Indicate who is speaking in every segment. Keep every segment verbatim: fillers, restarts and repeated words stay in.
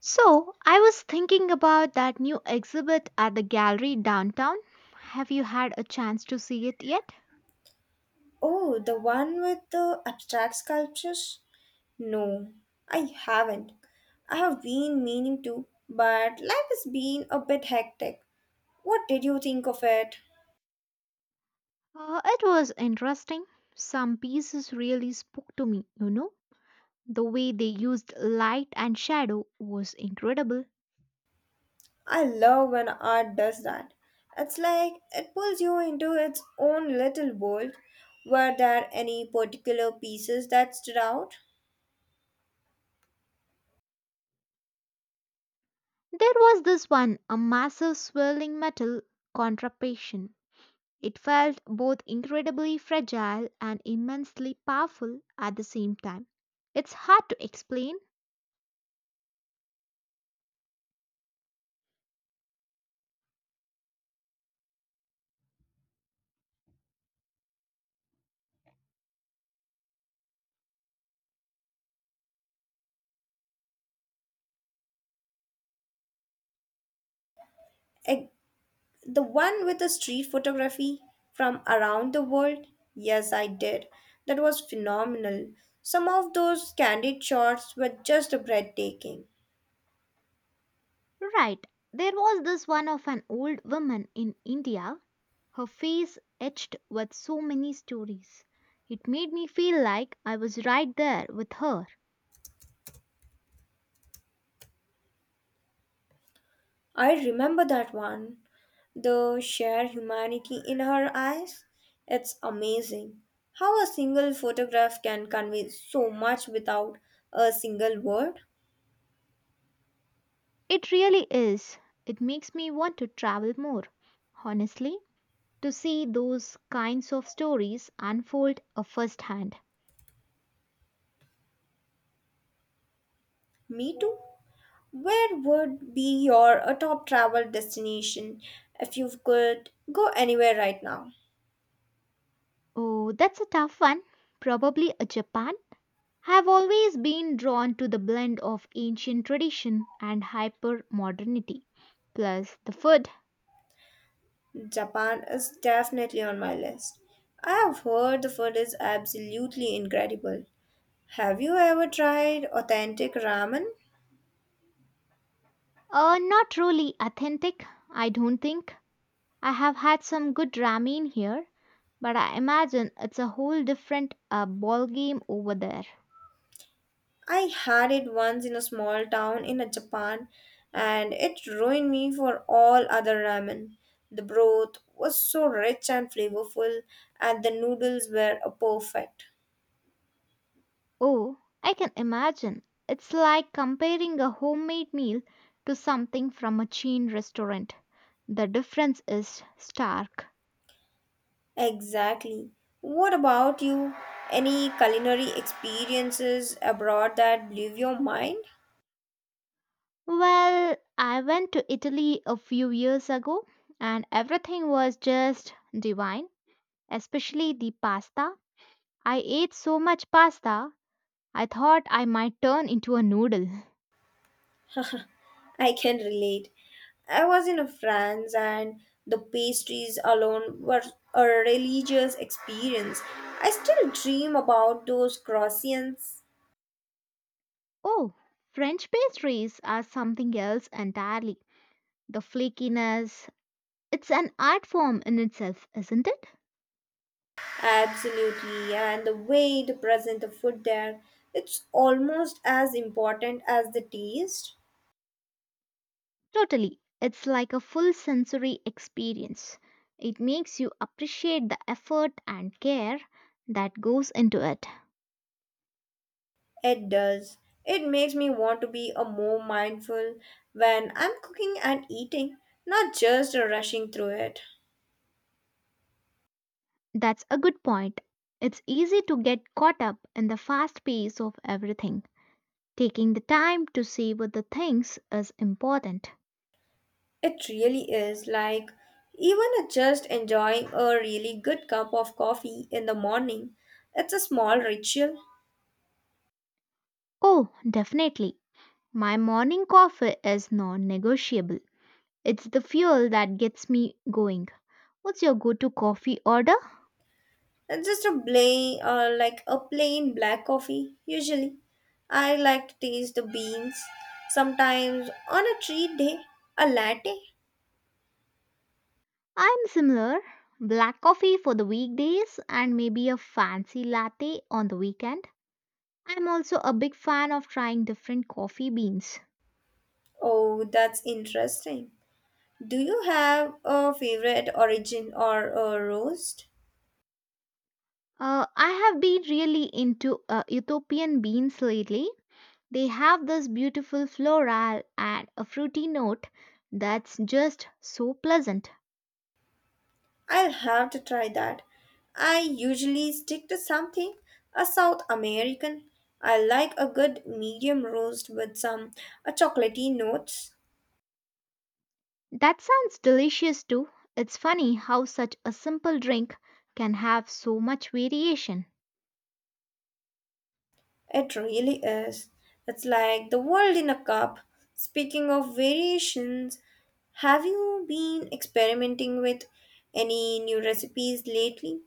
Speaker 1: So, I was thinking about that new exhibit at the gallery downtown. Have you had a chance to see it yet?
Speaker 2: Oh, the one with the abstract sculptures? No, I haven't. I have been meaning to, but life has been a bit hectic. What did you think of it?
Speaker 1: Uh, it was interesting. Some pieces really spoke to me, you know. The way they used light and shadow was incredible.
Speaker 2: I love when art does that. It's like it pulls you into its own little world. Were there any particular pieces that stood out?
Speaker 1: There was this one, a massive swirling metal contraption. It felt both incredibly fragile and immensely powerful at the same time. It's hard to explain.
Speaker 2: E- The one with the street photography from around the world? Yes, I did. That was phenomenal. Some of those candid shots were just breathtaking.
Speaker 1: Right, there was this one of an old woman in India, her face etched with so many stories. It made me feel like I was right there with her.
Speaker 2: I remember that one. The sheer humanity in her eyes. It's amazing how a single photograph can convey so much without a single word.
Speaker 1: It really is. It makes me want to travel more, honestly, to see those kinds of stories unfold a first hand.
Speaker 2: Me too. Where would be your uh, top travel destination if you could go anywhere right now?
Speaker 1: Oh, that's a tough one. Probably a Japan. I've always been drawn to the blend of ancient tradition and hyper modernity. Plus, the food.
Speaker 2: Japan is definitely on my list. I have heard the food is absolutely incredible. Have you ever tried authentic ramen?
Speaker 1: Uh, not really authentic, I don't think. I have had some good ramen here, but I imagine it's a whole different uh, ball game over there.
Speaker 2: I had it once in a small town in a Japan and it ruined me for all other ramen. The broth was so rich and flavorful and the noodles were a perfect.
Speaker 1: Oh, I can imagine. It's like comparing a homemade meal to something from a chain restaurant. The difference is stark.
Speaker 2: Exactly. What about you? Any culinary experiences abroad that blew your mind?
Speaker 1: Well, I went to Italy a few years ago and everything was just divine, especially the pasta. I ate so much pasta I thought I might turn into a noodle.
Speaker 2: I can relate. I was in France and the pastries alone were a religious experience. I still dream about those croissants.
Speaker 1: Oh, French pastries are something else entirely. The flakiness, it's an art form in itself, isn't it?
Speaker 2: Absolutely, and the way they present the food there, it's almost as important as the taste.
Speaker 1: Totally. It's like a full sensory experience. It makes you appreciate the effort and care that goes into it.
Speaker 2: It does. It makes me want to be a more mindful when I'm cooking and eating, not just rushing through it.
Speaker 1: That's a good point. It's easy to get caught up in the fast pace of everything. Taking the time to savor the things is important.
Speaker 2: It really is like even a- just enjoying a really good cup of coffee in the morning. It's a small ritual.
Speaker 1: Oh, definitely. My morning coffee is non negotiable. It's the fuel that gets me going. What's your go to coffee order?
Speaker 2: It's just a plain, uh, like a plain black coffee usually. I like to taste the beans. Sometimes on a treat day, a latte.
Speaker 1: I'm similar. Black coffee for the weekdays and maybe a fancy latte on the weekend. I'm also a big fan of trying different coffee beans.
Speaker 2: Oh, that's interesting. Do you have a favorite origin or a roast?
Speaker 1: Uh, I have been really into uh, Ethiopian beans lately. They have this beautiful floral and a fruity note that's just so pleasant.
Speaker 2: I'll have to try that. I usually stick to something a South American. I like a good medium roast with some a chocolatey notes.
Speaker 1: That sounds delicious too. It's funny how such a simple drink can have so much variation.
Speaker 2: It really is. It's like the world in a cup. Speaking of variations, have you been experimenting with any new recipes lately?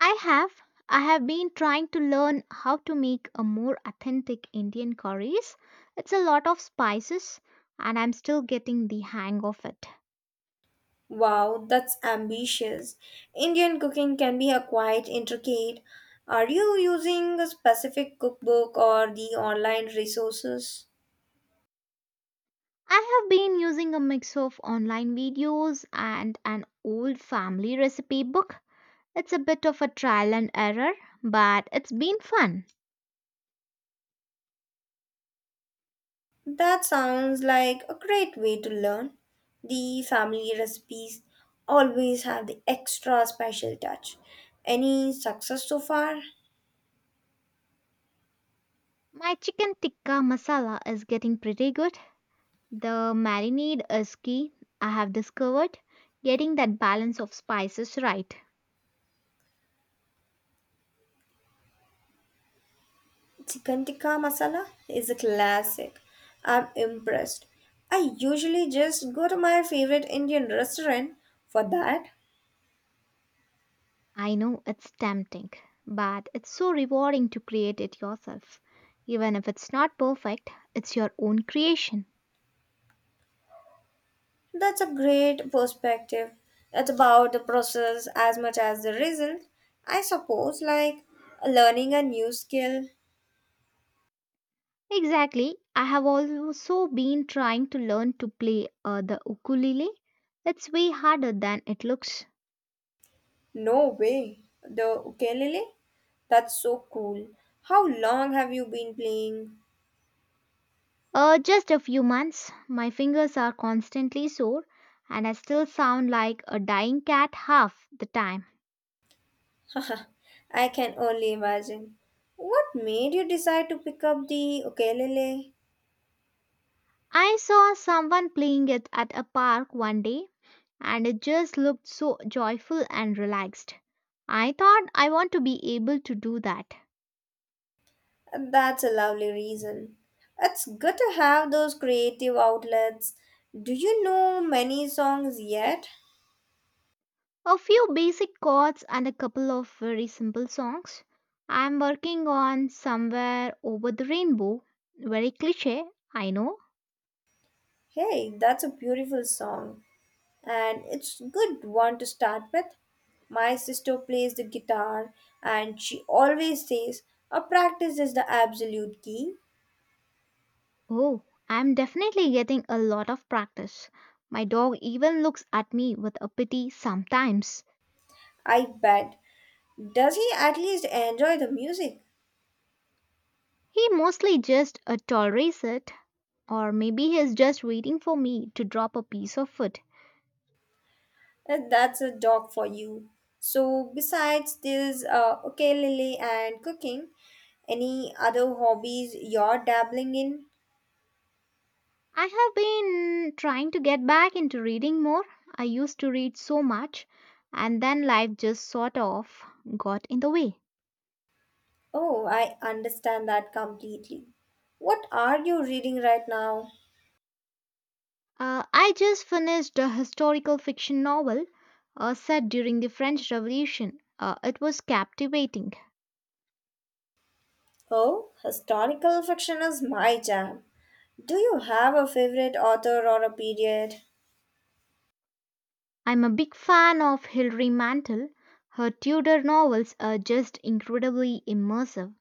Speaker 1: I have. I have been trying to learn how to make a more authentic Indian curries. It's a lot of spices and I'm still getting the hang of it.
Speaker 2: Wow, that's ambitious. Indian cooking can be a quite intricate. Are you using a specific cookbook or the online resources?
Speaker 1: I have been using a mix of online videos and an old family recipe book. It's a bit of a trial and error, but it's been fun.
Speaker 2: That sounds like a great way to learn. The family recipes always have the extra special touch. Any success so far?
Speaker 1: My chicken tikka masala is getting pretty good. The marinade is key. I have discovered getting that balance of spices right.
Speaker 2: Chicken tikka masala is a classic. I'm impressed. I usually just go to my favorite Indian restaurant for that.
Speaker 1: I know it's tempting, but it's so rewarding to create it yourself. Even if it's not perfect, it's your own creation.
Speaker 2: That's a great perspective. It's about the process as much as the result. I suppose, like learning a new skill.
Speaker 1: Exactly. I have also been trying to learn to play uh, the ukulele. It's way harder than it looks.
Speaker 2: No way. The ukulele? That's so cool. How long have you been playing?
Speaker 1: Uh, just a few months, my fingers are constantly sore, and I still sound like a dying cat half the time.
Speaker 2: I can only imagine. What made you decide to pick up the ukulele?
Speaker 1: I saw someone playing it at a park one day and it just looked so joyful and relaxed. I thought I want to be able to do that.
Speaker 2: That's a lovely reason. It's good to have those creative outlets. Do you know many songs yet?
Speaker 1: A few basic chords and a couple of very simple songs. I'm working on Somewhere Over the Rainbow. Very cliche, I know.
Speaker 2: Hey, that's a beautiful song, and it's good one to start with. My sister plays the guitar, and she always says, "A practice is the absolute key."
Speaker 1: Oh, I'm definitely getting a lot of practice. My dog even looks at me with a pity sometimes.
Speaker 2: I bet. Does he at least enjoy the music?
Speaker 1: He mostly just uh, tolerates it, or maybe he's just waiting for me to drop a piece of food.
Speaker 2: Uh, That's a dog for you. So, besides this uh, ukulele and cooking, any other hobbies you're dabbling in?
Speaker 1: I have been trying to get back into reading more. I used to read so much, and then life just sort of got in the way.
Speaker 2: Oh, I understand that completely. What are you reading right now?
Speaker 1: Uh, I just finished a historical fiction novel uh, set during the French Revolution. Uh, it was captivating.
Speaker 2: Oh, historical fiction is my jam. Do you have a favorite author or a period?
Speaker 1: I'm a big fan of Hilary Mantel. Her Tudor novels are just incredibly immersive,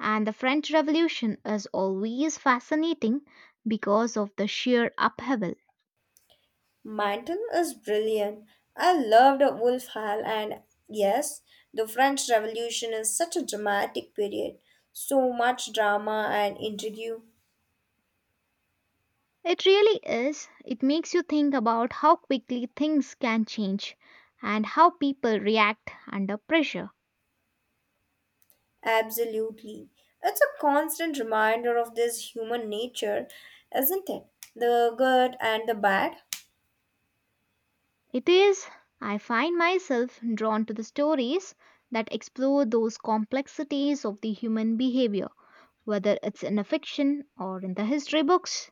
Speaker 1: and the French Revolution is always fascinating because of the sheer upheaval.
Speaker 2: Mantle is brilliant. I loved Wolf Hall, and yes, the French Revolution is such a dramatic period. So much drama and intrigue.
Speaker 1: It really is. It makes you think about how quickly things can change and how people react under pressure.
Speaker 2: Absolutely. It's a constant reminder of this human nature, isn't it? The good and the bad.
Speaker 1: It is. I find myself drawn to the stories that explore those complexities of the human behavior, whether it's in a fiction or in the history books.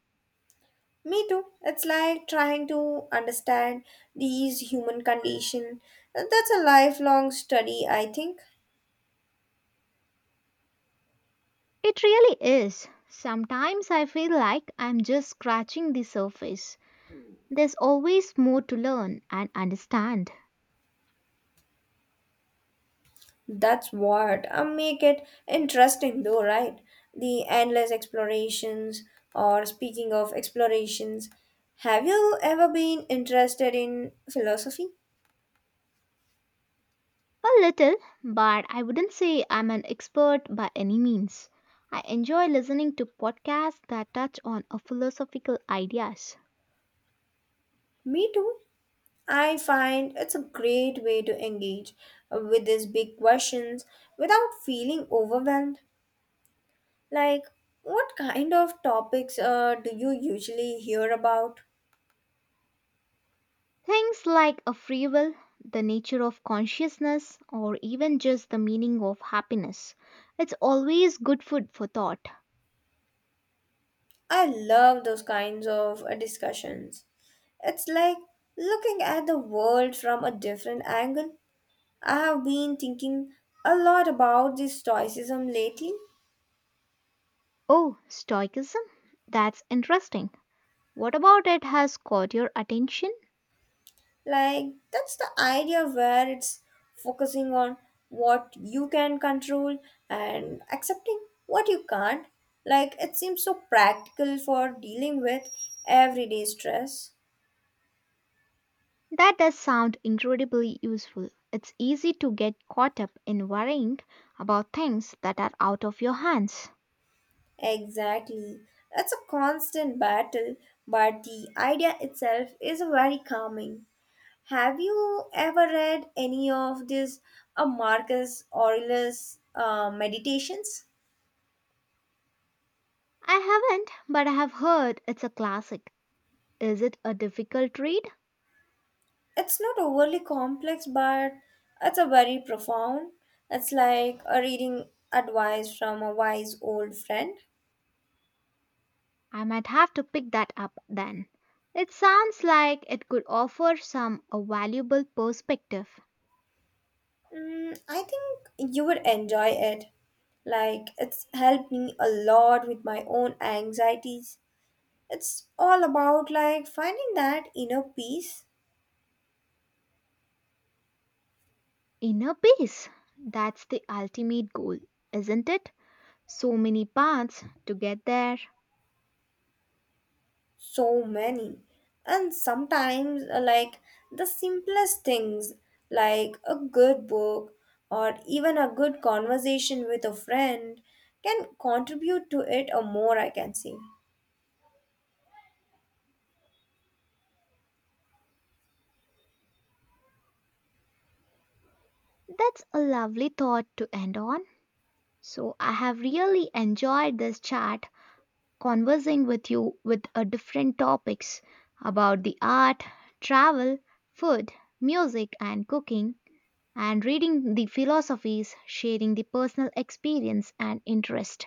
Speaker 2: Me too. It's like trying to understand these human condition. That's a lifelong study, I think.
Speaker 1: It really is. Sometimes I feel like I'm just scratching the surface. There's always more to learn and understand.
Speaker 2: That's what uh, make it interesting, though, right? The endless explorations. Or speaking of explorations, have you ever been interested in philosophy?
Speaker 1: A little, but I wouldn't say I'm an expert by any means. I enjoy listening to podcasts that touch on a philosophical ideas.
Speaker 2: Me too. I find it's a great way to engage with these big questions without feeling overwhelmed. Like, what kind of topics uh, do you usually hear about?
Speaker 1: Things like a free will, the nature of consciousness, or even just the meaning of happiness. It's always good food for thought.
Speaker 2: I love those kinds of uh, discussions. It's like looking at the world from a different angle. I have been thinking a lot about this stoicism lately.
Speaker 1: Oh, Stoicism? That's interesting. What about it has caught your attention?
Speaker 2: Like, that's the idea where it's focusing on what you can control and accepting what you can't. Like, it seems so practical for dealing with everyday stress.
Speaker 1: That does sound incredibly useful. It's easy to get caught up in worrying about things that are out of your hands.
Speaker 2: Exactly. That's a constant battle, but the idea itself is very calming. Have you ever read any of this uh, Marcus Aurelius uh, meditations?
Speaker 1: I haven't, but I have heard it's a classic. Is it a difficult read?
Speaker 2: It's not overly complex, but it's a very profound. It's like a reading advice from a wise old friend.
Speaker 1: I might have to pick that up then. It sounds like it could offer some a valuable perspective.
Speaker 2: Mm, I think you would enjoy it. Like, it's helped me a lot with my own anxieties. It's all about like finding that inner peace.
Speaker 1: Inner peace. That's the ultimate goal, isn't it? So many paths to get there.
Speaker 2: So many. And sometimes, uh, like the simplest things, like a good book or even a good conversation with a friend, can contribute to it or more, I can say.
Speaker 1: That's a lovely thought to end on. So, I have really enjoyed this chat, conversing with you with a different topics about the art, travel, food, music, and cooking, and reading the philosophies, sharing the personal experience and interest.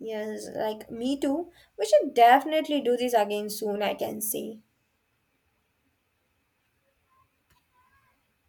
Speaker 2: Yes, like me too. We should definitely do this again soon, I can say.